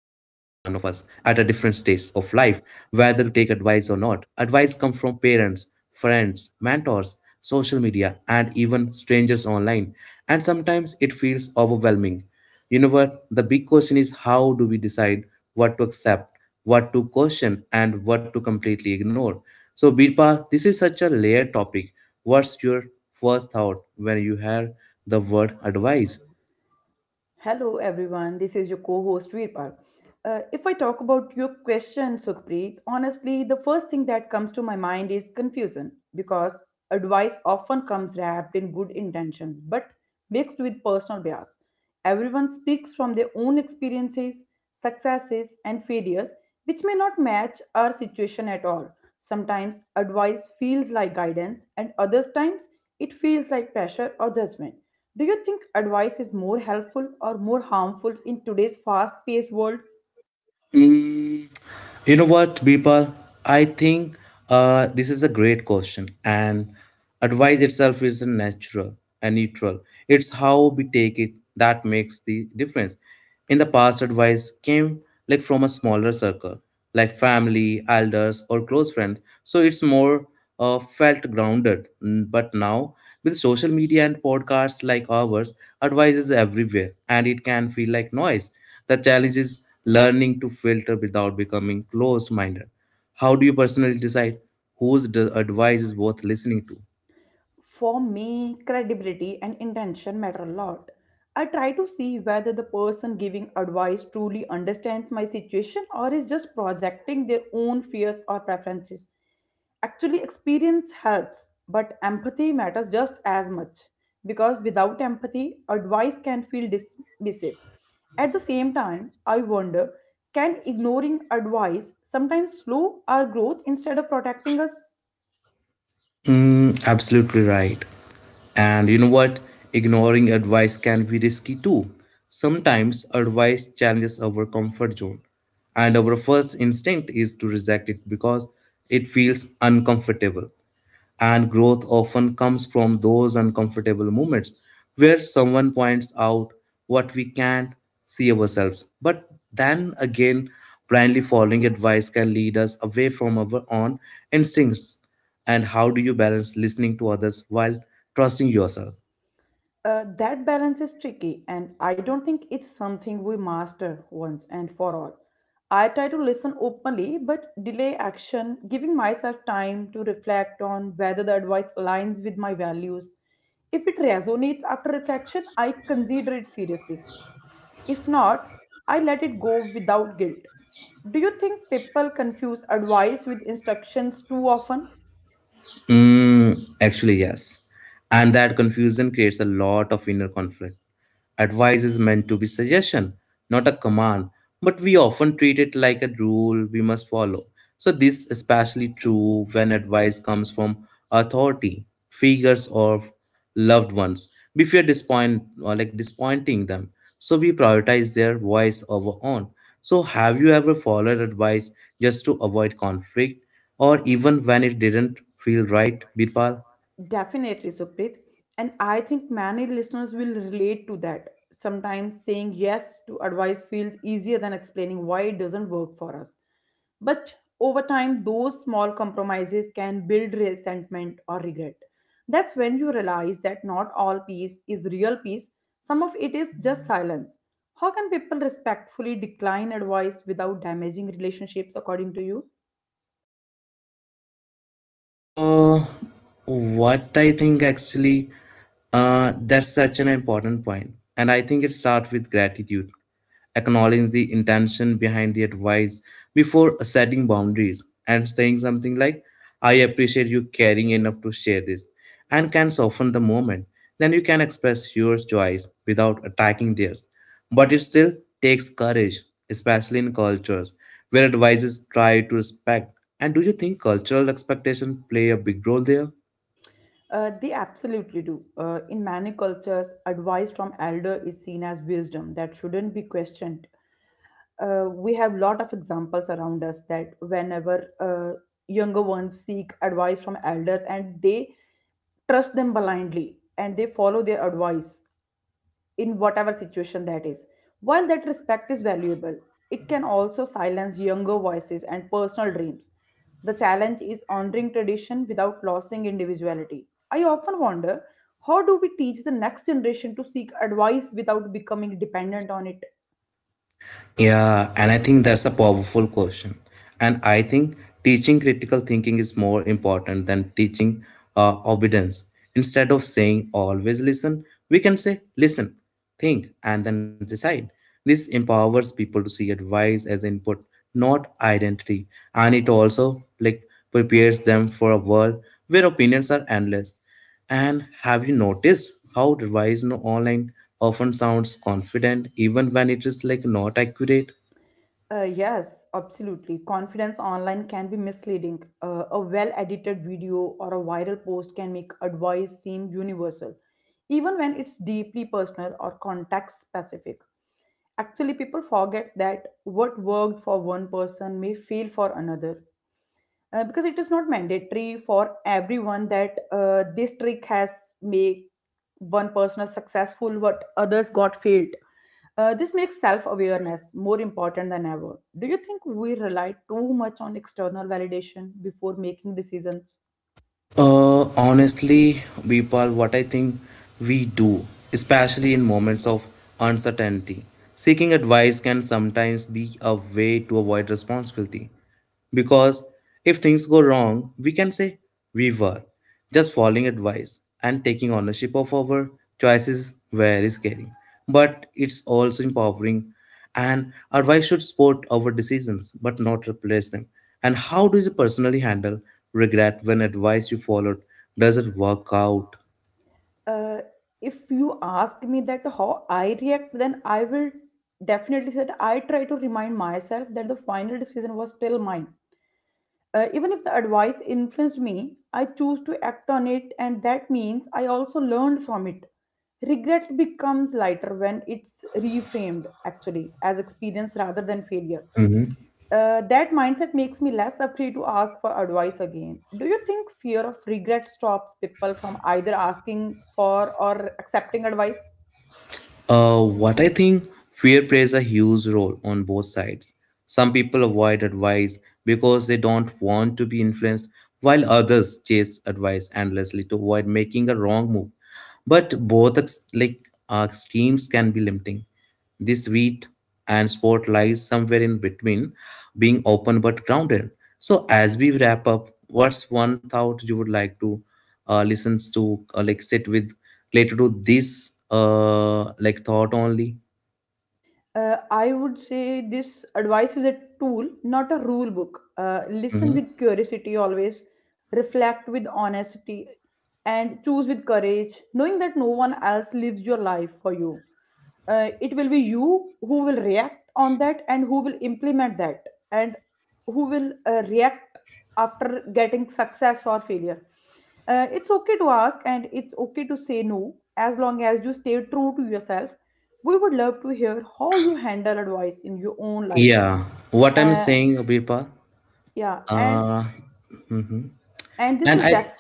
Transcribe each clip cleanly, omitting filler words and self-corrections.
different stage of life: whether to take advice or not. Advice comes from parents, friends, mentors, social media, and even strangers online, and sometimes it feels overwhelming. You know what? The big question is, how do we decide what to accept, what to question, and what to completely ignore? So, Birpal, this is such a layered topic. What's your first thought when you hear the word advice? Hello, everyone. This is your co-host Veerpal. If I talk about your question, Sukhpreet, honestly, the first thing that comes to my mind is confusion because advice often comes wrapped in good intentions but mixed with personal bias. Everyone speaks from their own experiences, successes, and failures, which may not match our situation at all. Sometimes advice feels like guidance, and other times it feels like pressure or judgment. Do you think advice is more helpful or more harmful in today's fast paced world? Mm. You know what, Bipal? I think this is a great question, and advice itself is a natural and neutral. It's how we take it that makes the difference. In the past, advice came like from a smaller circle, like family, elders, or close friends. So it's more felt grounded. But now, with social media and podcasts like ours, advice is everywhere, and it can feel like noise. The challenge is learning to filter without becoming closed minded. How do you personally decide whose advice is worth listening to? For me, credibility and intention matter a lot. I try to see whether the person giving advice truly understands my situation or is just projecting their own fears or preferences. Actually, experience helps, but empathy matters just as much because without empathy, advice can feel dismissive. At the same time, I wonder, can ignoring advice sometimes slow our growth instead of protecting us? Mm, absolutely right. And you know what? Ignoring advice can be risky too. Sometimes advice challenges our comfort zone, and our first instinct is to reject it because it feels uncomfortable. And growth often comes from those uncomfortable moments where someone points out what we can't see ourselves. But then again, blindly following advice can lead us away from our own instincts. And how do you balance listening to others while trusting yourself? That balance is tricky, and I don't think it's something we master once and for all. I try to listen openly but delay action, giving myself time to reflect on whether the advice aligns with my values. If it resonates after reflection, I consider it seriously. If not, I let it go without guilt. Do you think people confuse advice with instructions too often? Mm, actually, yes. And that confusion creates a lot of inner conflict. Advice is meant to be suggestion, not a command, but we often treat it like a rule we must follow. So this is especially true when advice comes from authority figures or loved ones. We fear disappoint or like disappointing them. So we prioritize their voice over own. So have you ever followed advice just to avoid conflict, or even when it didn't feel right, Birpal? Definitely, Supreet. And I think many listeners will relate to that. Sometimes saying yes to advice feels easier than explaining why it doesn't work for us. But over time, those small compromises can build resentment or regret. That's when you realize that not all peace is real peace, some of it is just silence. How can people respectfully decline advice without damaging relationships, according to you? Uh, what I think actually, that's such an important point, and I think it starts with gratitude: acknowledging the intention behind the advice before setting boundaries, and saying something like, "I appreciate you caring enough to share this," and can soften the moment. Then you can express your choice without attacking theirs. But it still takes courage, especially in cultures where advisors try to respect. And do you think cultural expectations play a big role there? They absolutely do. In many cultures, advice from elder is seen as wisdom that shouldn't be questioned. We have lot of examples around us that whenever younger ones seek advice from elders and they trust them blindly and they follow their advice in whatever situation that is. While that respect is valuable, it can also silence younger voices and personal dreams. The challenge is honoring tradition without losing individuality. I often wonder, how do we teach the next generation to seek advice without becoming dependent on it? Yeah, and I think that's a powerful question. And I think teaching critical thinking is more important than teaching obedience. Instead of saying always listen, we can say listen, think, and then decide. This empowers people to see advice as input, not identity. And it also like prepares them for a world where opinions are endless. And have you noticed how advice no online often sounds confident even when it is like not accurate? Yes, absolutely. Confidence online can be misleading. A well edited video or a viral post can make advice seem universal, even when it's deeply personal or context specific. Actually, people forget that what worked for one person may fail for another because it is not mandatory for everyone that this trick has made one person successful what others got failed. This makes self-awareness more important than ever. Do you think we rely too much on external validation before making decisions? Honestly, Vipal, what I think we do, especially in moments of uncertainty, seeking advice can sometimes be a way to avoid responsibility. Because if things go wrong, we can say we were just following advice, and taking ownership of our choices very scary. But it's also empowering, and advice should support our decisions but not replace them. And how do you personally handle regret when advice you followed doesn't work out? Uh, if you ask me that how I react, then I will definitely say that I try to remind myself that the final decision was still mine. Even if the advice influenced me, I choose to act on it, and that means I also learned from it. Regret becomes lighter when it's reframed, actually, as experience rather than failure. Mhm. That mindset makes me less afraid to ask for advice again. Do you think fear of regret stops people from either asking for or accepting advice? What I think fear plays a huge role on both sides. Some people avoid advice because they don't want to be influenced, while others chase advice endlessly to avoid making a wrong move. But both ex- like extremes can be limiting. The sweet and sport lies somewhere in between, being open but grounded. So as we wrap up, what's one thought you would like to listen to, like sit with, related to this, like thought only? I would say this, advice is a tool, not a rule book. Listen Hmm. with curiosity always, reflect with honesty, and choose with courage, knowing that no one else lives your life for you. It will be you who will react on that and who will implement that and who will react after getting success or failure. It's okay to ask and it's okay to say no as long as you stay true to yourself. We would love to hear how you handle advice in your own life. Yeah, what I'm Uh, saying, Abhipa, yeah, and uh, mhm. and this and is def. I.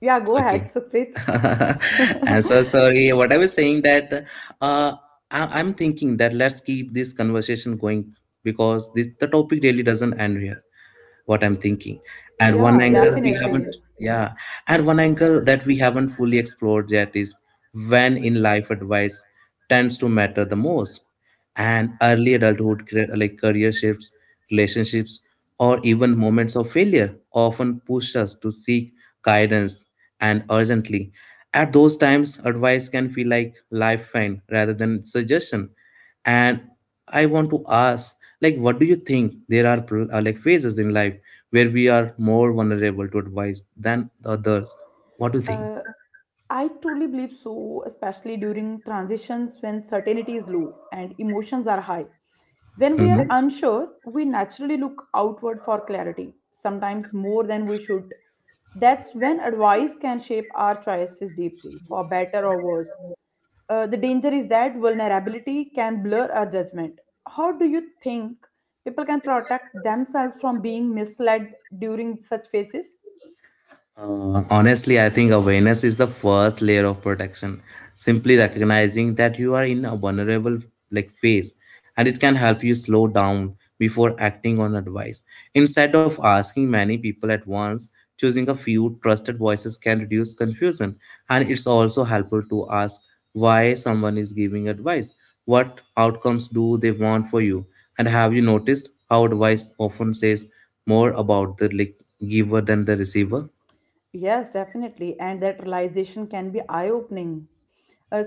Yeah, go ahead, Okay. Supreet. I'm so sorry. What I was saying that uh, I'm thinking that let's keep this conversation going, because this the topic really doesn't end here. What I'm thinking, and one Yeah, angle we haven't — definitely. yeah, and one angle that we haven't fully explored yet is when in life advice tends to matter the most, and early adulthood, like career shifts, relationships, or even moments of failure, often push us to seek guidance, and urgently. At those times, advice can feel like lifeline rather than suggestion. And I want to ask, like, what do you think? There are like phases in life where we are more vulnerable to advice than the others. What do you think? Uh, I truly believe so, especially during transitions when certainty is low and emotions are high. When we are Mhm. unsure, we naturally look outward for clarity, sometimes more than we should. That's when advice can shape our choices deeply, for better or worse. The danger is that vulnerability can blur our judgment. How do you think people can protect themselves from being misled during such phases? Honestly, I think awareness is the first layer of protection. Simply recognizing that you are in a vulnerable like phase, and it can help you slow down before acting on advice. Instead of asking many people at once, choosing a few trusted voices can reduce confusion, and it's also helpful to ask why someone is giving advice. What outcomes do they want for you? And have you noticed how advice often says more about the, like, giver than the receiver? Yes, definitely. And that realization can be eye opening.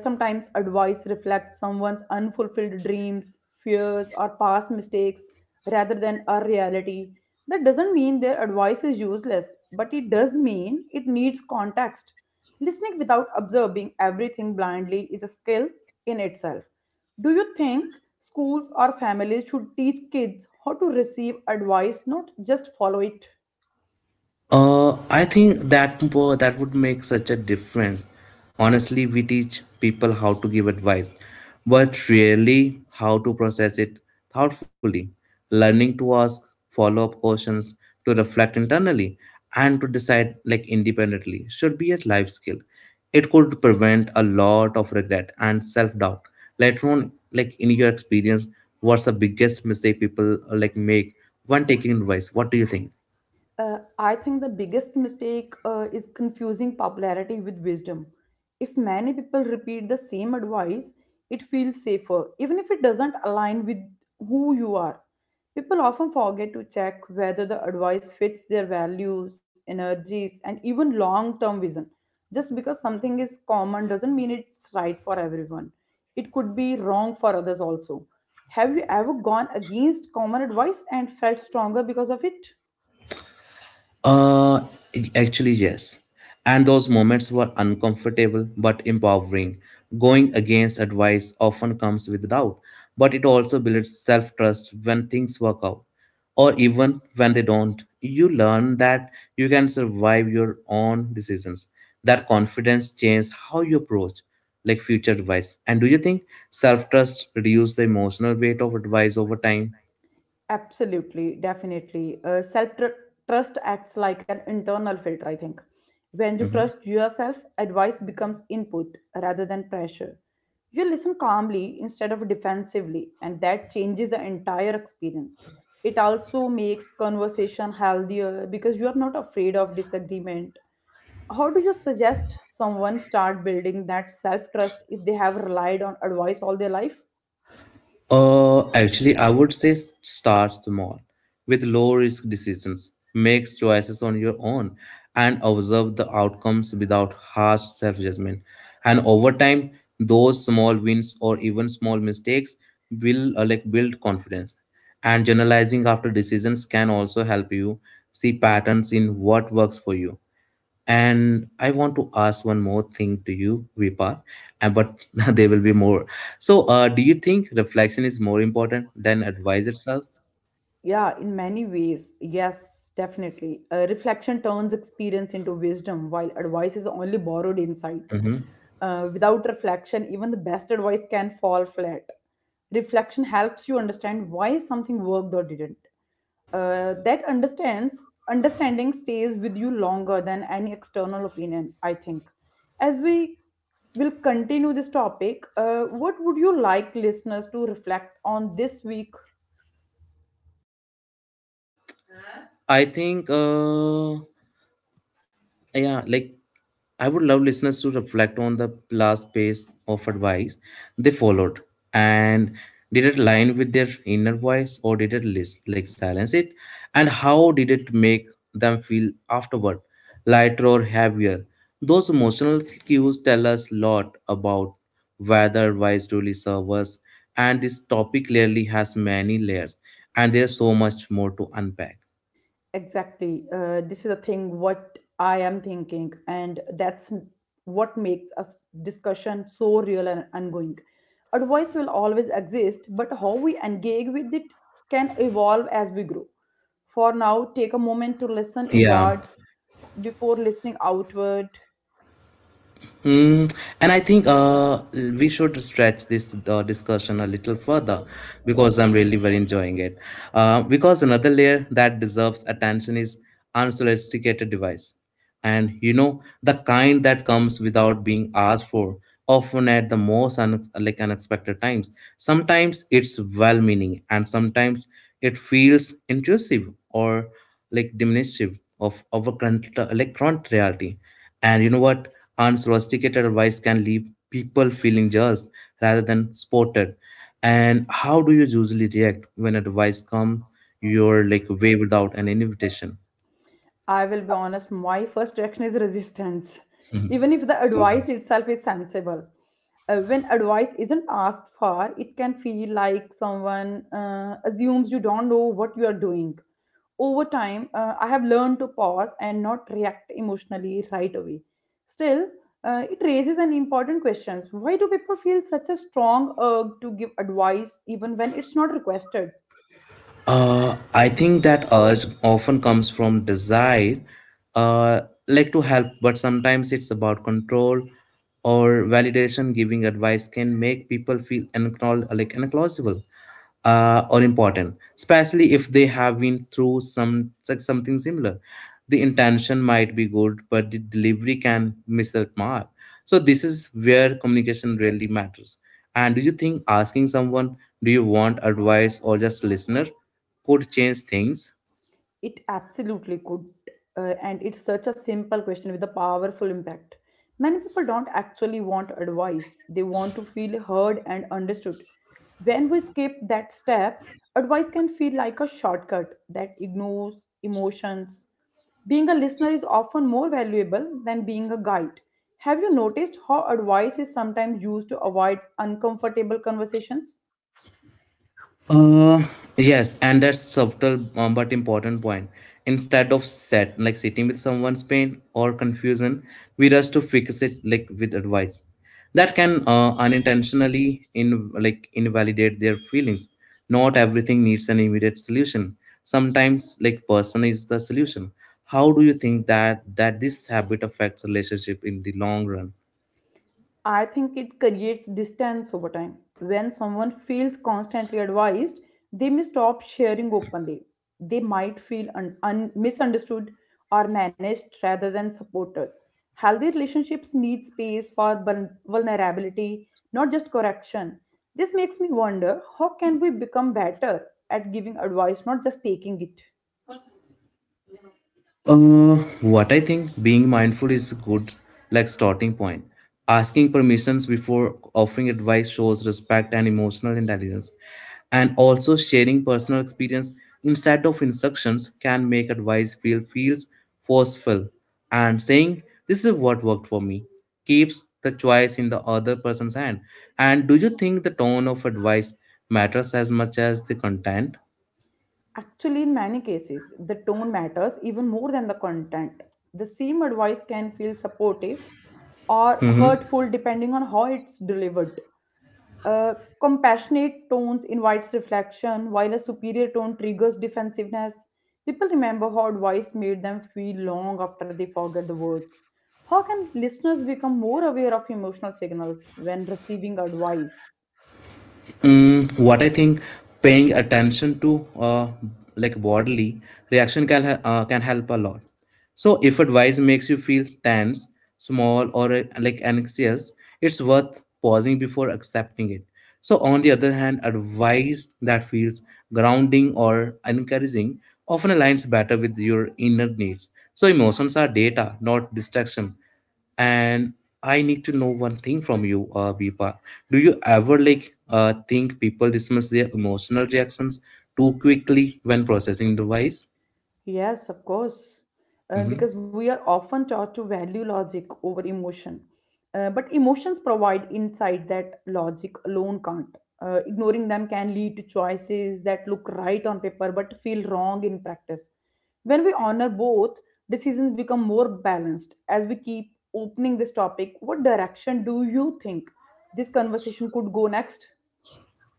Sometimes advice reflects someone's unfulfilled dreams, fears, or past mistakes rather than a reality. That doesn't mean their advice is useless, but it does mean it needs context. Listening without observing everything blindly is a skill in itself. Do you think schools or families should teach kids how to receive advice, not just follow it? I think that that would make such a difference. Honestly, we teach people how to give advice, but rarely how to process it thoughtfully. Learning to ask follow-up questions, to reflect internally, and to decide like independently should be a life skill. It could prevent a lot of regret and self-doubt later on. Like, in your experience, what's the biggest mistake people like make when taking advice? What do you think? I think the biggest mistake is confusing popularity with wisdom. If many people repeat the same advice, it feels safer, even if it doesn't align with who you are. People often forget to check whether the advice fits their values, energies, and even long term vision. Just because something is common doesn't mean it's right for everyone. It could be wrong for others also. Have you ever gone against common advice and felt stronger because of it? Uh, actually, yes. And those moments were uncomfortable but empowering. Going against advice often comes with doubt, but it also builds self trust when things work out. Or even when they don't, you learn that you can survive your own decisions. That confidence changes how you approach like future advice. And do you think self trust reduces the emotional weight of advice over time? Absolutely, definitely. Self trust acts like an internal filter, I think. When you trust yourself, advice becomes input rather than pressure. You listen calmly instead of defensively, and that changes the entire experience. It also makes conversation healthier because you are not afraid of disagreement. How do you suggest someone start building that self trust if they have relied on advice all their life? Actually, I would say start small with low risk decisions. Make choices on your own and observe the outcomes without harsh self judgment. And over time, those small wins or even small mistakes will like build confidence. And journalizing after decisions can also help you see patterns in what works for you. And I want to ask one more thing to you, Vipar. But there will be more. So, do you think reflection is more important than advice itself? Yeah, in many ways, yes, definitely. Reflection turns experience into wisdom, while advice is only borrowed insight. Hmm. Without reflection, even the best advice can fall flat. Reflection helps you understand why something worked or didn't. That understands understanding stays with you longer than any external opinion, I think. As we will continue this topic, what would you like listeners to reflect on this week? I think. Yeah, like I would love listeners to reflect on the last piece of advice they followed. And did it align with their inner voice, or did it list, like silence it? And how did it make them feel afterward, lighter or heavier? Those emotional cues tell us a lot about whether advice truly serves us. And this topic clearly has many layers, and there's so much more to unpack. Exactly. This is the thing what I am thinking, and that's what makes us discussion so real and ongoing. Advice will always exist, but how we engage with it can evolve as we grow. For now, take a moment to listen Yeah. inward before listening outward. Hmm, and I think we should stretch this discussion a little further, because I'm really very enjoying it. Because another layer that deserves attention is unsolicited device, and you know the kind that comes without being asked for, often at the most like unexpected times. Sometimes it's well-meaning, and sometimes it feels intrusive or like diminutive of our current reality. And you know what? Unsolicited advice can leave people feeling judged rather than supported. And how do you usually react when advice comes your like way without an invitation? I will be honest, my first reaction is resistance, even if the Mhm. advice itself is sensible. When advice isn't asked for, it can feel like someone assumes you don't know what you are doing. Over time, I have learned to pause and not react emotionally right away. Still, it raises an important question, why do people feel such a strong urge to give advice even when it's not requested? I think that urge often comes from desire, uh, like to help, but sometimes it's about control or validation. Giving advice can make people feel like unacknowledgeable or important, especially if they have been through some like something similar. The intention might be good, but the delivery can miss the mark. So this is where communication really matters. And do you think asking someone, "Do you want advice or just listener?" could change things? It absolutely could. And it's such a simple question with a powerful impact. Many people don't actually want advice, they want to feel heard and understood. When we skip that step, advice can feel like a shortcut that ignores emotions. Being a listener is often more valuable than being a guide. Have you noticed how advice is sometimes used to avoid uncomfortable conversations? Uh, yes, and that's subtle but important point. Instead of set like sitting with someone's pain or confusion, we rush to fix it like with advice. That can unintentionally in like invalidate their feelings. Not everything needs an immediate solution. Sometimes like person is the solution. How do you think that this habit affects relationship in the long run? I think it creates distance over time. When someone feels constantly advised, they may stop sharing openly. They might feel misunderstood or managed rather than supported. Healthy relationships need space for vulnerability, not just correction. This makes me wonder, how can we become better at giving advice, not just taking it? Uh, what I think being mindful is good, like starting point. Asking permissions before offering advice shows respect and emotional intelligence. And also sharing personal experience instead of instructions can make advice feels forceful. And saying, "This is what worked for me," keeps the choice in the other person's hand. And do you think the tone of advice matters as much as the content? Actually, in many cases, the tone matters even more than the content. The same advice can feel supportive or hurtful depending on how it's delivered. A compassionate tone invites reflection, while a superior tone triggers defensiveness. People remember how advice made them feel long after they forget the words. How can listeners become more aware of emotional signals when receiving advice? Mm, what I think, paying attention to like bodily reaction can help a lot. So if advice makes you feel tense, small, or like anxious, it's worth pausing before accepting it. So on the other hand, advice that feels grounding or encouraging often aligns better with your inner needs. So emotions are data, not distraction. And I need to know one thing from you, Vipa. Do you ever think people dismiss their emotional reactions too quickly when processing device? Yes, of course. Because we are often taught to value logic over emotion. But emotions provide insight that logic alone can't. Ignoring them can lead to choices that look right on paper but feel wrong in practice. When we honor both, decisions become more balanced. As we keep opening this topic, what direction do you think this conversation could go next?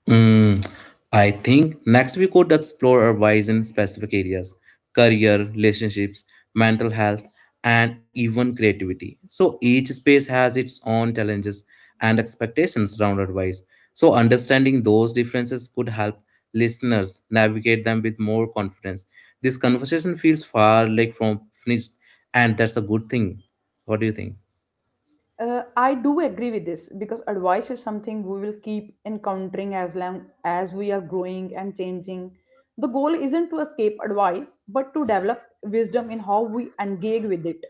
Mm, I think next we could explore our wise in specific areas career, relationships, mental health, and even creativity. So each space has its own challenges and expectations around advice. So understanding those differences could help listeners navigate them with more confidence. This conversation feels far from finished, and that's a good thing. What do you think? I do agree with this because advice is something we will keep encountering as long as we are growing and changing. The goal isn't to escape advice, but to develop wisdom in how we engage with it.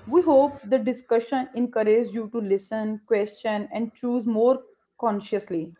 We hope the discussion encourages you to listen, question, and choose more consciously.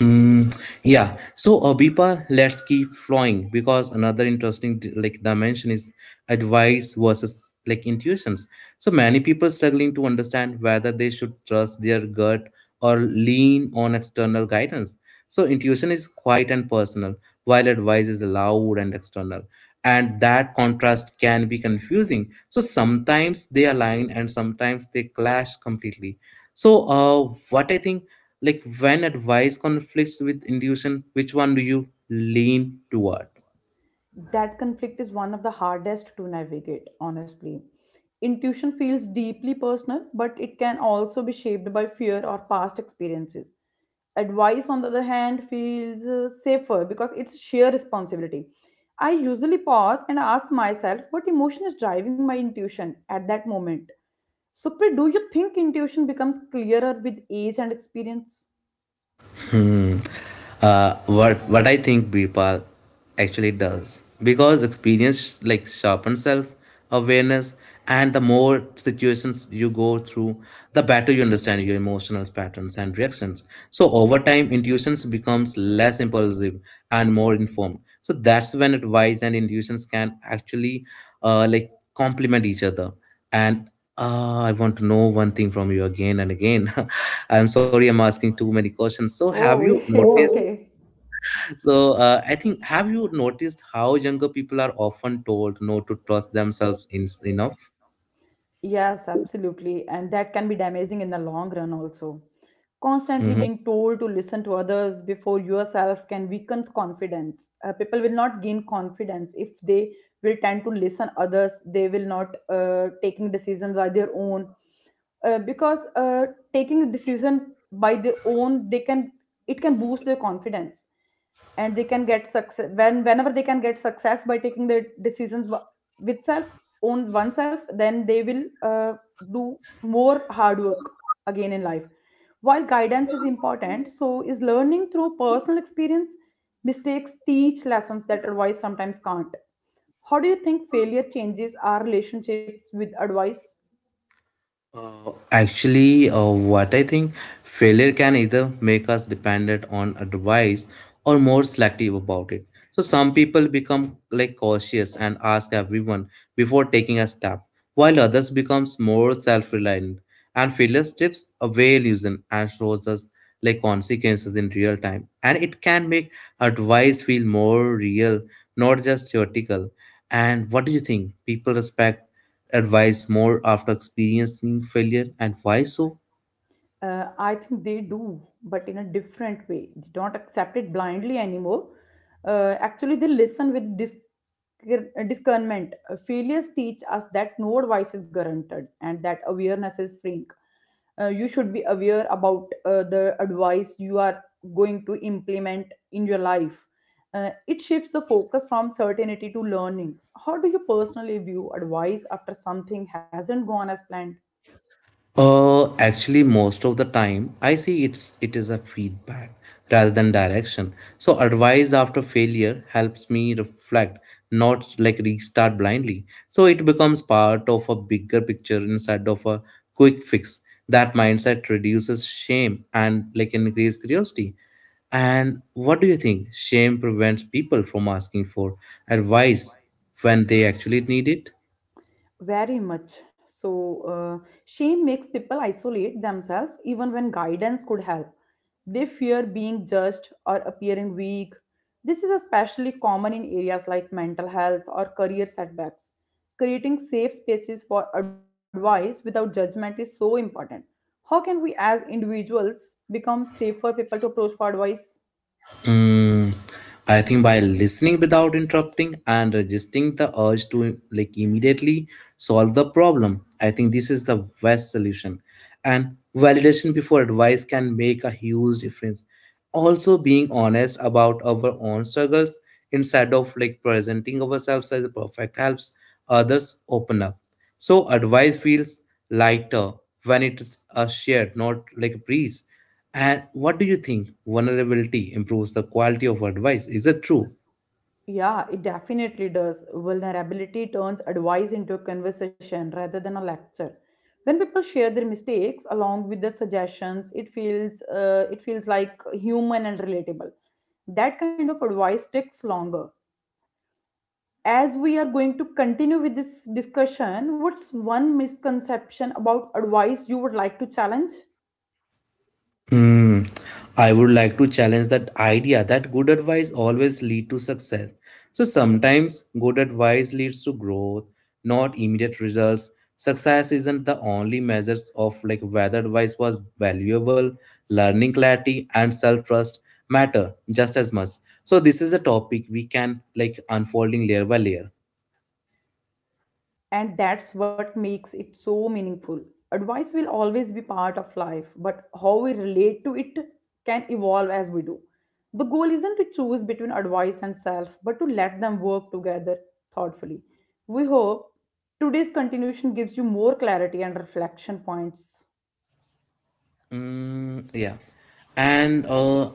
Mm, yeah. So, Bipa, let's keep flowing because another interesting dimension is advice versus intuitions. So many people struggling to understand whether they should trust their gut or lean on external guidance. So intuition is quiet and personal, while advice is loud and external. And that contrast can be confusing. So sometimes they align and sometimes they clash completely. So what I think when advice conflicts with intuition, which one do you lean toward? That conflict is one of the hardest to navigate, honestly. Intuition feels deeply personal, but it can also be shaped by fear or past experiences. Advice, on the other hand, feels safer because it's sheer responsibility. I usually pause and ask myself what emotion is driving my intuition at that moment. Supri, do you think intuition becomes clearer with age and experience? Hmm. What I think Birpal actually does because experience sharpens self awareness, and the more situations you go through, the better you understand your emotional patterns and reactions. So over time, intuitions becomes less impulsive and more informed. So that's when advice and intuitions can actually complement each other. And I want to know one thing from you again and again. I'm sorry, I'm asking too many questions. So, have Oh, you it's noticed? Oh, okay. so, I think have you noticed how younger people are often told not to trust themselves in, enough? Yes, absolutely. And that can be damaging in the long run also. Constantly Mhm. being told to listen to others before yourself can weaken confidence. People will not gain confidence if they will tend to listen others. They will not taking decisions by their own. Because Taking a decision by their own, they can it can boost their confidence, and they can get success when whenever they can get success by taking their decisions with self own oneself, then they will do more hard work again in life. While guidance is important, so is learning through personal experience. Mistakes teach lessons that advice sometimes can't. How do you think failure changes our relationships with advice? Actually, what I think, failure can either make us dependent on advice or more selective about it. So some people become cautious and ask everyone before taking a step, while others becomes more self-reliant. And failure strips away illusion and shows us consequences in real time, and it can make advice feel more real, not just theoretical. And what do you think, people respect advice more after experiencing failure, and why so? I think they do, but in a different way. They don't accept it blindly anymore. Actually, they listen with discernment. Failures teach us that no advice is guaranteed, and that awareness is freeing. You should be aware about the advice you are going to implement in your life. It shifts the focus from certainty to learning. How do you personally view advice after something hasn't gone as planned? Actually, most of the time, I see it is a feedback rather than direction. So advice after failure helps me reflect, not restart blindly. So it becomes part of a bigger picture instead of a quick fix. That mindset reduces shame and increase curiosity. And what do you think? Shame prevents people from asking for advice when they actually need it. Very much. So, shame makes people isolate themselves even when guidance could help. They fear being judged or appearing weak. This is especially common in areas like mental health or career setbacks. Creating safe spaces for advice without judgment is so important. How can we, as individuals, become safer people to approach for advice? Mm, I think by listening without interrupting and resisting the urge to immediately solve the problem, I think this is the best solution. And validation before advice can make a huge difference. Also, being honest about our own struggles instead of presenting ourselves as perfect helps others open up. So advice feels lighter when it's a shared, not a breeze. And what do you think, vulnerability improves the quality of advice? Is it true? Yeah, it definitely does. Vulnerability turns advice into a conversation rather than a lecture. When people share their mistakes along with their suggestions, it feels like human and relatable. That kind of advice takes longer. As we are going to continue with this discussion, what's one misconception about advice you would like to challenge? Hmm. I would like to challenge that idea that good advice always lead to success. So sometimes good advice leads to growth, not immediate results. Success isn't the only measures of whether advice was valuable, learning clarity and self-trust matter just as much. So this is a topic we can unfolding layer by layer. And that's what makes it so meaningful. Advice will always be part of life, but how we relate to it can evolve as we do. The goal isn't to choose between advice and self, but to let them work together thoughtfully. We hope today's continuation gives you more clarity and reflection points. Mm, yeah. And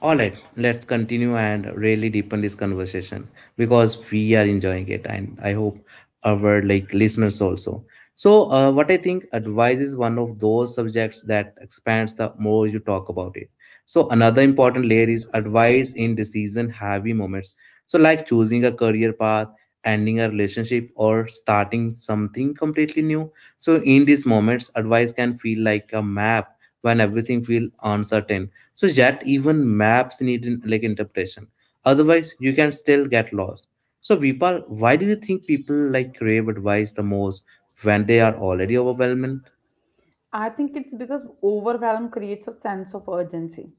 all right, let's continue and really deepen this conversation because we are enjoying it, and I hope our listeners also. So, what I think advice is one of those subjects that expands the more you talk about it. So another important layer is advice in decision heavy moments. So like choosing a career path, ending a relationship or starting something completely new. So in these moments advice can feel like a map when everything feels uncertain. So yet even maps need interpretation. Otherwise you can still get lost. So Vipal, why do you think people crave advice the most when they are already overwhelmed? I think it's because overwhelm creates a sense of urgency,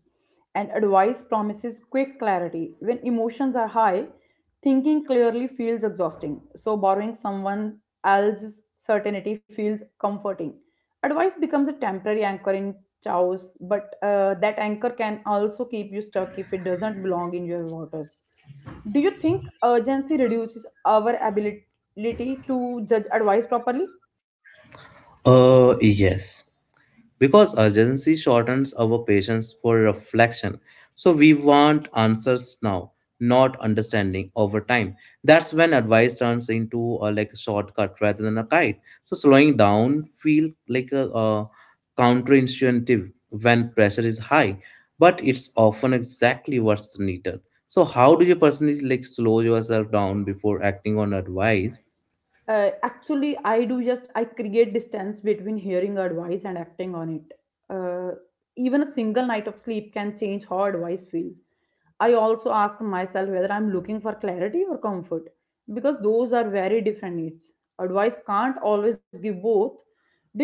and advice promises quick clarity. When emotions are high, thinking clearly feels exhausting, so borrowing someone else's certainty feels comforting. Advice becomes a temporary anchor in chaos, but that anchor can also keep you stuck if it doesn't belong in your waters. Do you think urgency reduces our ability to judge advice properly? Uh, yes. Because urgency shortens our patience for reflection. So we want answers now, not understanding over time. That's when advice turns into a shortcut rather than a guide. So slowing down feel like a, counterintuitive when pressure is high, but it's often exactly what's needed. So how do you personally slow yourself down before acting on advice? Actually I do just I create distance between hearing advice and acting on it. uh, Even a single night of sleep can change how advice feels. I also ask myself whether I'm looking for clarity or comfort, because those are very different needs. Advice can't always give both. Did you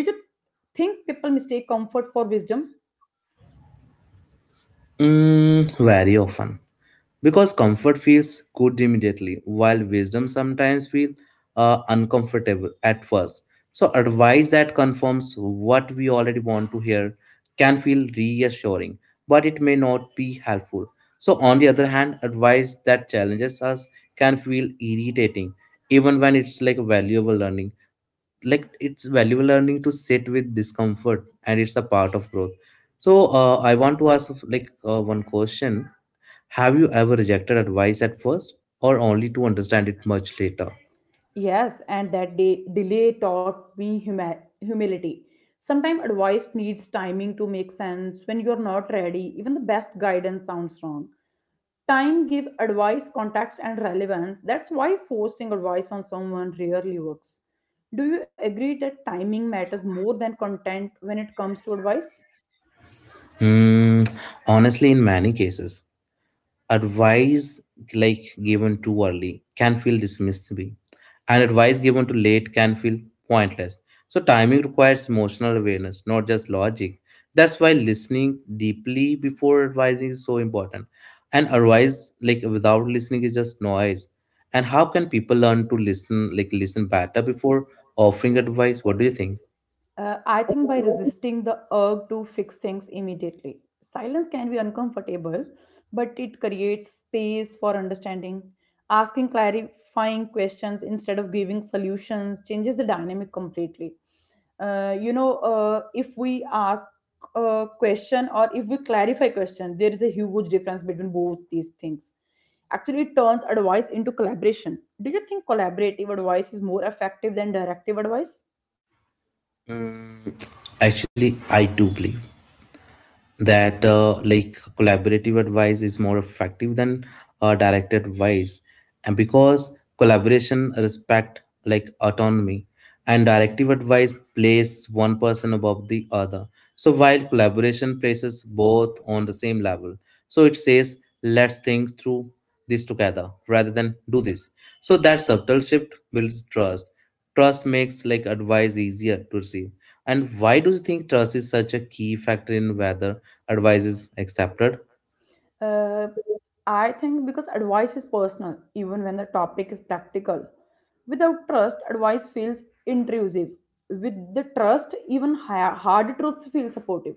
think people mistake comfort for wisdom? Mm, very often. Because comfort feels good immediately, while wisdom sometimes feels uncomfortable at first. So, advice that confirms what we already want to hear can feel reassuring, but it may not be helpful. So, on the other hand, advice that challenges us can feel irritating, even when it's valuable learning, it's valuable learning to sit with discomfort and it's a part of growth. So I want to ask one question, have you ever rejected advice at first, or only to understand it much later? Yes, and that day delay taught me humility. Sometimes advice needs timing to make sense. When you're not ready, even the best guidance sounds wrong. Time give advice context and relevance. That's why forcing advice on someone rarely works. Do you agree that timing matters more than content when it comes to advice? Hmm, honestly, in many cases. Advice given too early can feel dismissive, and advice given too late can feel pointless. So timing requires emotional awareness, not just logic. That's why listening deeply before advising is so important. And advice without listening is just noise. And how can people learn to listen, listen better before offering advice? What do you think? I think by resisting the urge to fix things immediately. Silence can be uncomfortable, but it creates space for understanding. Asking clarifying questions instead of giving solutions changes the dynamic completely. If we ask a question or if we clarify question, there is a huge difference between both these things. Actually, it turns advice into collaboration. Do you think collaborative advice is more effective than directive advice? Mm. Actually I do believe that collaborative advice is more effective than direct advice. And because collaboration respect autonomy, and directive advice places one person above the other, so while collaboration places both on the same level. So it says, let's think through this together rather than do this. So that subtle shift builds trust. Trust makes advice easier to receive. And why do you think trust is such a key factor in whether advice is accepted? Uh, I think because advice is personal, even when the topic is practical. Without trust, advice feels intrusive. With the trust, even higher, hard truths feel supportive.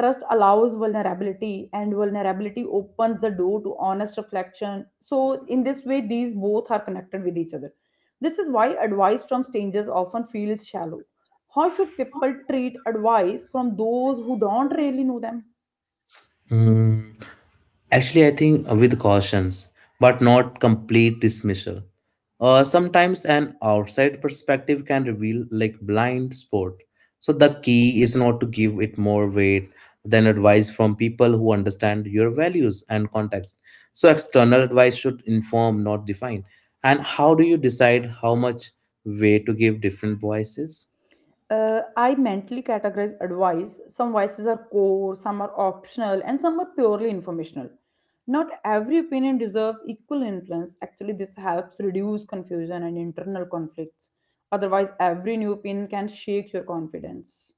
Trust allows vulnerability, and vulnerability opens the door to honest reflection. So, in this way, these both are connected with each other. This is why advice from strangers often feels shallow. How should people treat advice from those who don't really know them? Mm, actually, I think with cautions, but not complete dismissal. Sometimes an outside perspective can reveal blind spot. So the key is not to give it more weight than advice from people who understand your values and context. So external advice should inform, not define. And how do you decide how much weight to give different voices? I mentally categorize advice. Some voices are core, some are optional, and some are purely informational. Not every opinion deserves equal influence. Actually, this helps reduce confusion and internal conflicts. Otherwise, every new opinion can shake your confidence.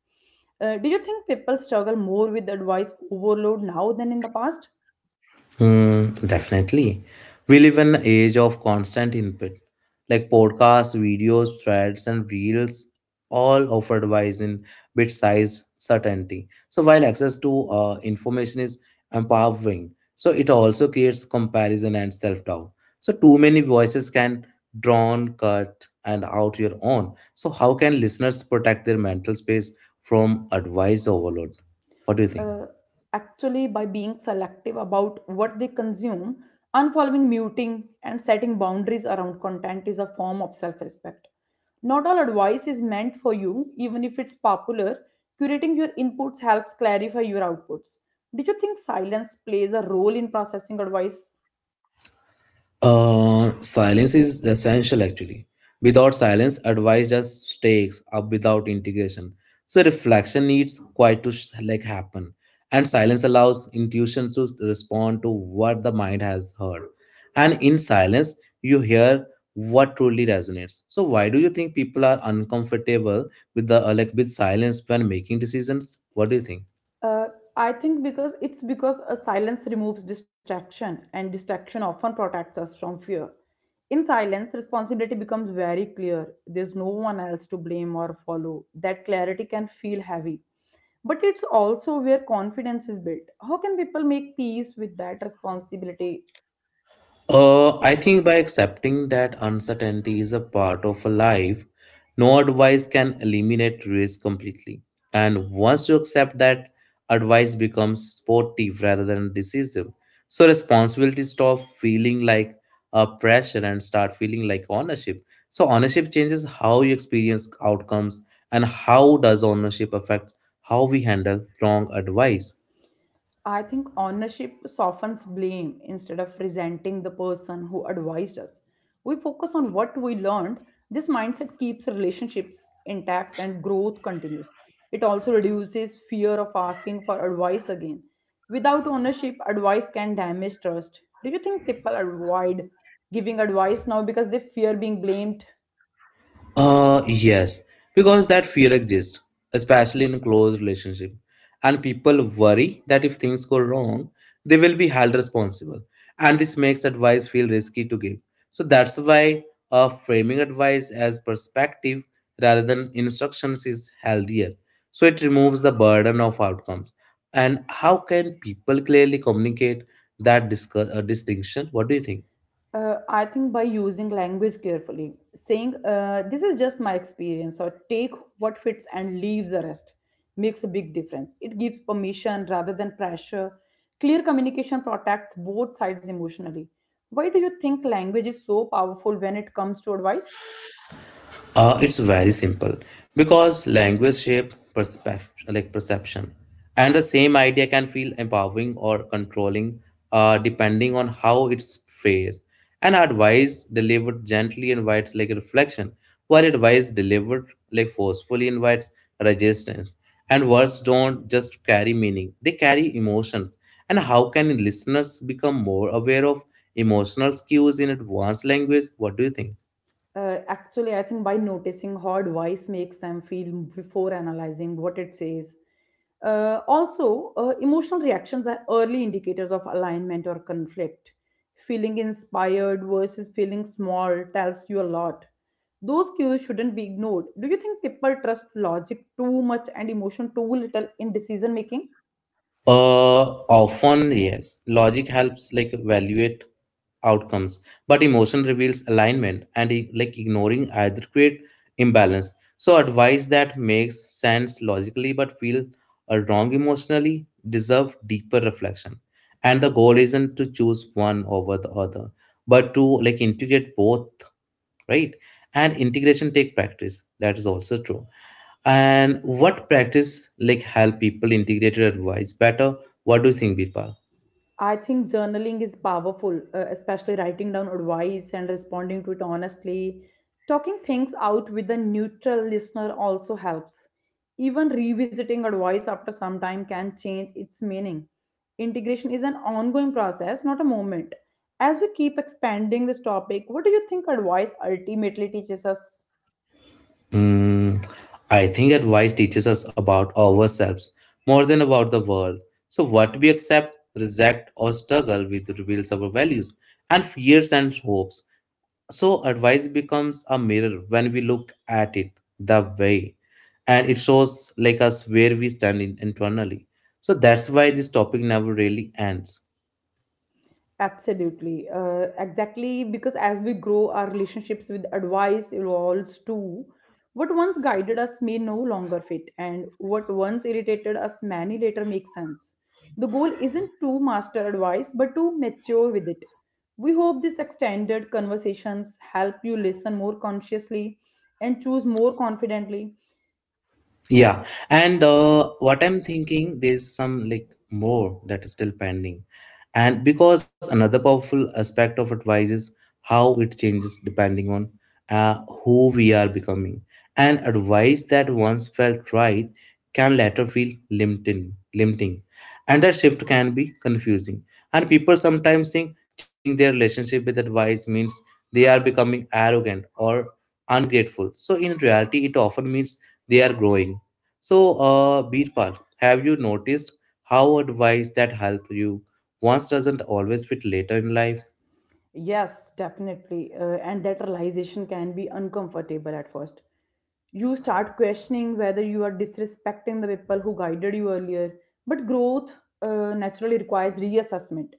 Do you think people struggle more with advice overload now than in the past? Hmm, definitely. We live in an age of constant input, like podcasts, videos, threads, and reels, all offered advice in bit size certainty. So while access to information is empowering, so it also creates comparison and self-doubt. So too many voices can drown, cut, and out your own. So how can listeners protect their mental space from advice overload? What do you think? uh, actually, by being selective about what they consume, unfollowing, muting, and setting boundaries around content is a form of self-respect. Not all advice is meant for you, even if it's popular. Curating your inputs helps clarify your outputs. Do you think silence plays a role in processing advice? Silence is essential actually. Without silence, advice just stakes up without integration. So reflection needs quite to happen, and silence allows intuition to respond to what the mind has heard. And in silence, you hear what truly resonates. So why do you think people are uncomfortable with the like with silence when making decisions? What do you think? Uh, I think because it's because a silence removes distraction, and distraction often protects us from fear. In silence, responsibility becomes very clear. There's no one else to blame or follow. That clarity can feel heavy. But it's also where confidence is built. How can people make peace with that responsibility? I think by accepting that uncertainty is a part of life, no advice can eliminate risk completely. And once you accept that, advice becomes sportive rather than decisive. So responsibility stop feeling like a pressure and start feeling like ownership. So ownership changes how you experience outcomes. And how does ownership affect how we handle wrong advice? I think ownership softens blame instead of resenting the person who advised us. We focus on what we learned. This mindset keeps relationships intact and growth continues. It also reduces fear of asking for advice again. Without ownership, advice can damage trust. Do you think people avoid giving advice now because they fear being blamed? Yes, because that fear exists, especially in close relationship, and people worry that if things go wrong, they will be held responsible, and this makes advice feel risky to give. So that's why framing advice as perspective rather than instructions is healthier. So it removes the burden of outcomes. And how can people clearly communicate that distinction? What do you think? I think by using language carefully, saying this is just my experience, or take what fits and leave the rest, makes a big difference. It gives permission rather than pressure. Clear communication protects both sides emotionally. Why do you think language is so powerful when it comes to advice? It's very simple because language shape perspective, perception, and the same idea can feel empowering or controlling, depending on how it's phrased. And advice delivered gently invites reflection, while advice delivered forcefully invites resistance. And words don't just carry meaning; they carry emotions. And how can listeners become more aware of emotional cues in advanced language? What do you think? Actually, I think by noticing how advice makes them feel before analyzing what it says. Emotional reactions are early indicators of alignment or conflict. Feeling inspired versus feeling small tells you a lot. Those cues shouldn't be ignored. Do you think people trust logic too much and emotion too little in decision making? Uh, often, yes. Logic helps evaluate outcomes, but emotion reveals alignment, and ignoring either create imbalance. So, advice that makes sense logically but feel wrong emotionally deserve deeper reflection. And the goal isn't to choose one over the other, but to integrate both, right? And integration take practice. That is also true. And what practice help people integrated advice better? What do you think, Birpal? I think journaling is powerful, especially writing down advice and responding to it honestly. Talking things out with a neutral listener also helps. Even revisiting advice after some time can change its meaning. Integration is an ongoing process, not a moment. As we keep expanding this topic, what do you think advice ultimately teaches us? Mm, I think advice teaches us about ourselves more than about the world. So what we accept, reject, or struggle with reveals our values and fears and hopes. So advice becomes a mirror when we look at it the way, and it shows us where we stand in internally. So that's why this topic never really ends. Absolutely. Exactly, because as we grow, our relationships with advice evolves too. What once guided us may no longer fit, and what once irritated us many later makes sense. The goal isn't to master advice, but to mature with it. We hope these extended conversations help you listen more consciously and choose more confidently. Yeah, and what I'm thinking, there's some more that is still pending. And because another powerful aspect of advice is how it changes depending on who we are becoming. And advice that once felt right can later feel limiting. And that shift can be confusing. And people sometimes think changing their relationship with advice means they are becoming arrogant or ungrateful. So in reality, it often means they are growing. So, Birpal, have you noticed how advice that help you once doesn't always fit later in life? Yes, definitely. And that realization can be uncomfortable at first. You start questioning whether you are disrespecting the people who guided you earlier. But growth naturally requires reassessment.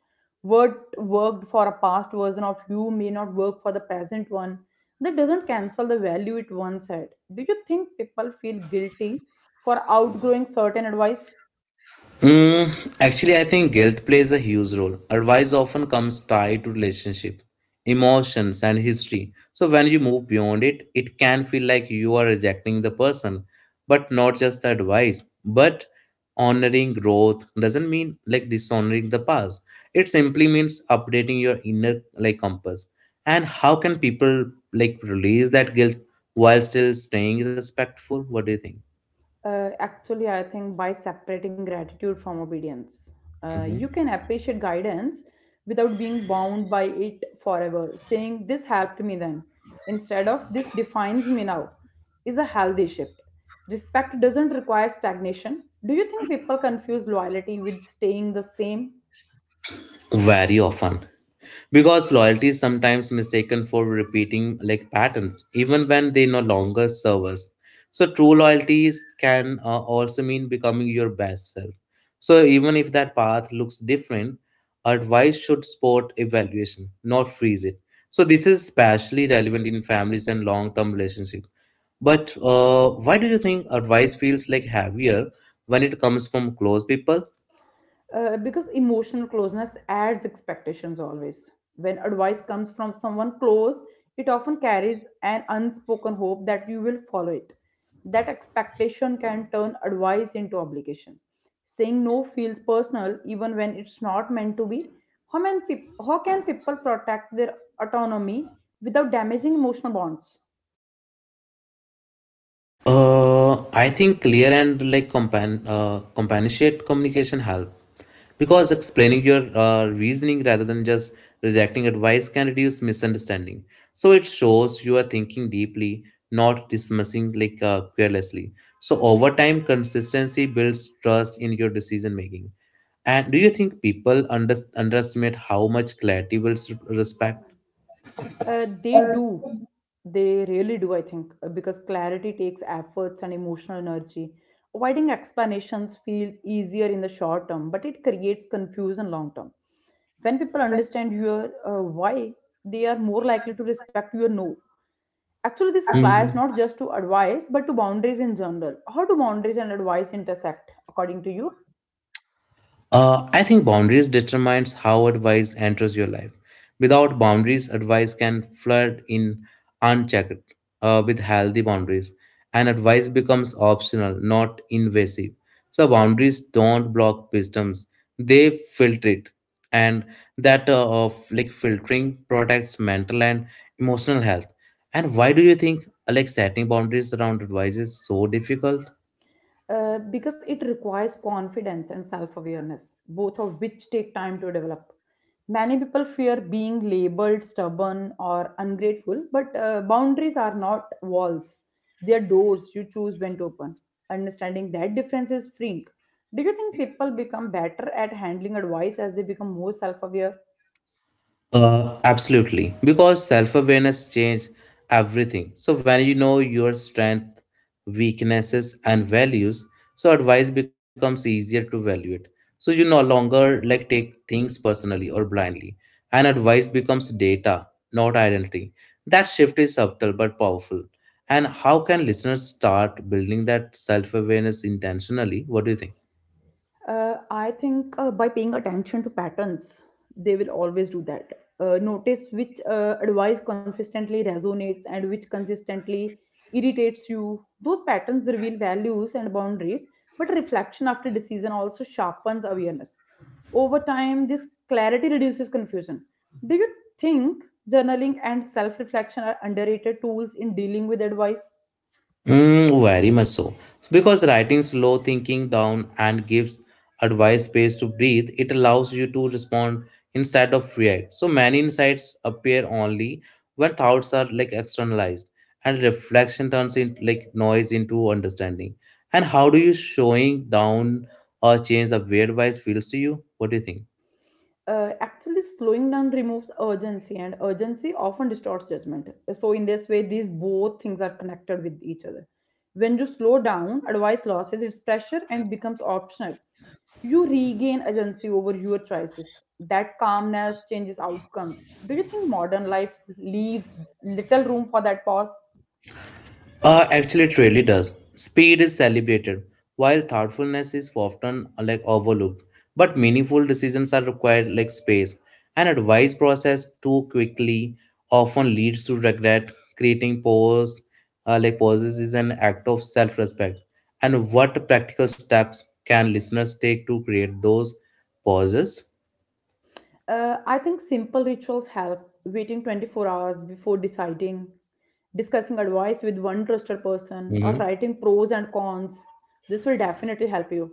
What worked for a past version of you may not work for the present one. That doesn't cancel the value it once had. Do you think people feel guilty for outgrowing certain advice? Mm, actually, I think guilt plays a huge role. Advice often comes tied to relationship, emotions, and history. So when you move beyond it, it can feel like you are rejecting the person, but not just the advice. But honoring growth doesn't mean like dishonoring the past. It simply means updating your inner like compass. And how can people like release that guilt while still staying respectful? What do you think? Actually, I think by separating gratitude from obedience, you Mhm. can appreciate guidance without being bound by it forever. Saying, "This helped me then," instead of "This defines me now," is a healthy shift. Respect doesn't require stagnation. Do you think people confuse loyalty with staying the same? Very often, because loyalty is sometimes mistaken for repeating like patterns even when they no longer serve us. So true loyalties can also mean becoming your best self, so even if that path looks different, advice should support evaluation, not freeze it. So this is especially relevant in families and long-term relationships. But why do you think advice feels like heavier when it comes from close people? Because emotional closeness adds expectations always. When advice comes from someone close, it often carries an unspoken hope that you will follow it. That expectation can turn advice into obligation. Saying no feels personal even when it's not meant to be. How can people protect their autonomy without damaging emotional bonds? I think clear and like compan compassionate communication help, because explaining your reasoning rather than just rejecting advice can reduce misunderstanding. So it shows you are thinking deeply, not dismissing like carelessly. So over time, consistency builds trust in your decision making. And do you think people underestimate how much clarity builds respect? They do. They really do, I think, because clarity takes efforts and emotional energy. Avoiding explanations feels easier in the short term, but it creates confusion long term. When people understand your why, they are more likely to respect your no. Actually, this applies Hmm. not just to advice, but to boundaries in general. How do boundaries and advice intersect, according to you? I think boundaries determines how advice enters your life. Without boundaries, advice can flood in unchecked. With healthy boundaries, and advice becomes optional, not invasive. So boundaries don't block wisdoms; they filter it, and that of like filtering protects mental and emotional health. And why do you think like setting boundaries around advice is so difficult? Because it requires confidence and self awareness, both of which take time to develop. Many people fear being labeled stubborn or ungrateful, but boundaries are not walls, they are doors you choose when to open. Understanding that difference is freeing. Do you think people become better at handling advice as they become more self aware? Absolutely, because self awareness changes everything. So, when you know your strength, weaknesses, and values, so advice becomes easier to evaluate. So, you no longer like take things personally or blindly, and advice becomes data, not identity. That shift is subtle but powerful. And how can listeners start building that self awareness intentionally? What do you think? I think by paying attention to patterns, they will always do that. Notice which advice consistently resonates and which consistently irritates you. Those patterns reveal values and boundaries, but reflection after decision also sharpens awareness. Over time, this clarity reduces confusion. Do you think journaling and self reflection are underrated tools in dealing with advice? Mm, very much so. So, because writing slow thinking down and gives advice space to breathe, it allows you to respond instead of react. So many insights appear only when thoughts are like externalized, and reflection turns in like noise into understanding. And how do you showing down or change the way advice feels to you? What do you think? Actually, slowing down removes urgency, and urgency often distorts judgment. So in this way these both things are connected with each other. When you slow down, advice loses its pressure and becomes optional. You regain agency over your choices. That calmness changes outcomes. Do you think modern life leaves little room for that pause? Actually, it really does. Speed is celebrated, while thoughtfulness is often like overlooked. But meaningful decisions are required, like space. An advice process too quickly often leads to regret. Creating pause, like pauses, is an act of self-respect. And what practical steps can listeners take to create those pauses? I think simple rituals help. Waiting 24 hours before deciding, discussing advice with one trusted person, or Mhm. writing pros and cons. This will definitely help you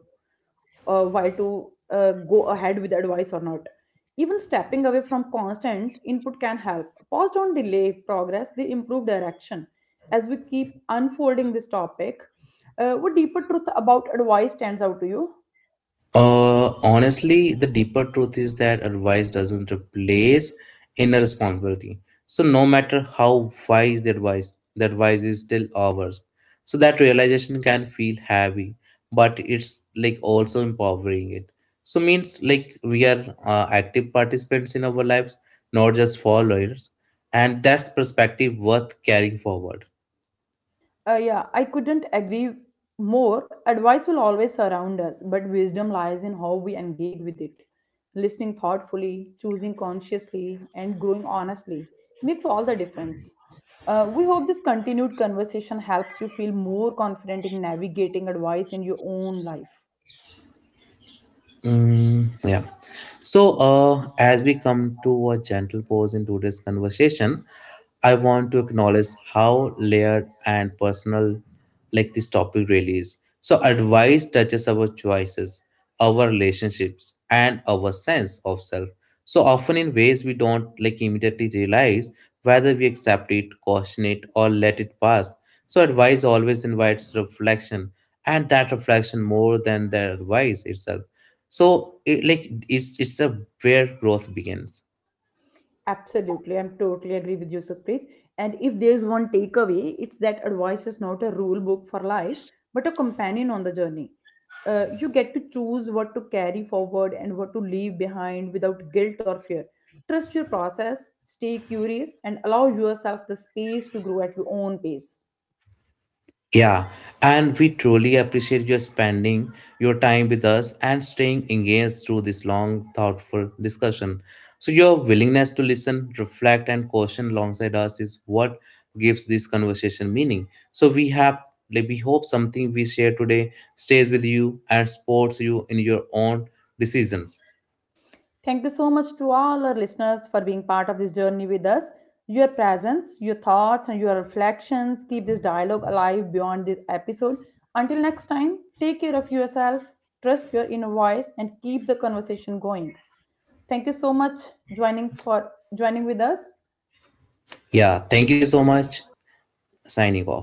while to go ahead with advice or not. Even stepping away from constant input can help. Pause don't delay progress, they improve direction. As we keep unfolding this topic, what deeper truth about advice stands out to you? Honestly, the deeper truth is that advice doesn't replace inner responsibility. So, no matter how wise the advice is still ours. So, that realization can feel heavy, but it's like also empowering it. So, means like we are active participants in our lives, not just followers. And that's perspective worth carrying forward. Yeah, I couldn't agree more. Advice will always surround us, but wisdom lies in how we engage with it. Listening thoughtfully, choosing consciously, and growing honestly makes all the difference. We hope this continued conversation helps you feel more confident in navigating advice in your own life. Mm, yeah. So, as we come to a gentle pause in today's conversation, I want to acknowledge how layered and personal, like this topic really is. So, advice touches our choices, our relationships, and our sense of self, so often in ways we don't like immediately realize, whether we accept it, caution it, or let it pass. So advice always invites reflection, and that reflection, more than the advice itself, so, it, like, it's a where growth begins. Absolutely, I'm totally agree with you, Supreet. And if there's one takeaway, it's that advice is not a rule book for life, but a companion on the journey. You get to choose what to carry forward and what to leave behind without guilt or fear. Trust your process, stay curious, and allow yourself the space to grow at your own pace. Yeah, and we truly appreciate your spending your time with us and staying engaged through this long, thoughtful discussion. So, your willingness to listen, reflect, and question alongside us is what gives this conversation meaning. So, we have like we hope something we share today stays with you and supports you in your own decisions. Thank you so much to all our listeners for being part of this journey with us. Your presence, your thoughts, and your reflections keep this dialogue alive beyond this episode. Until next time, take care of yourself, trust your inner voice, and keep the conversation going. Thank you so much joining with us. Yeah, thank you so much. Signing off.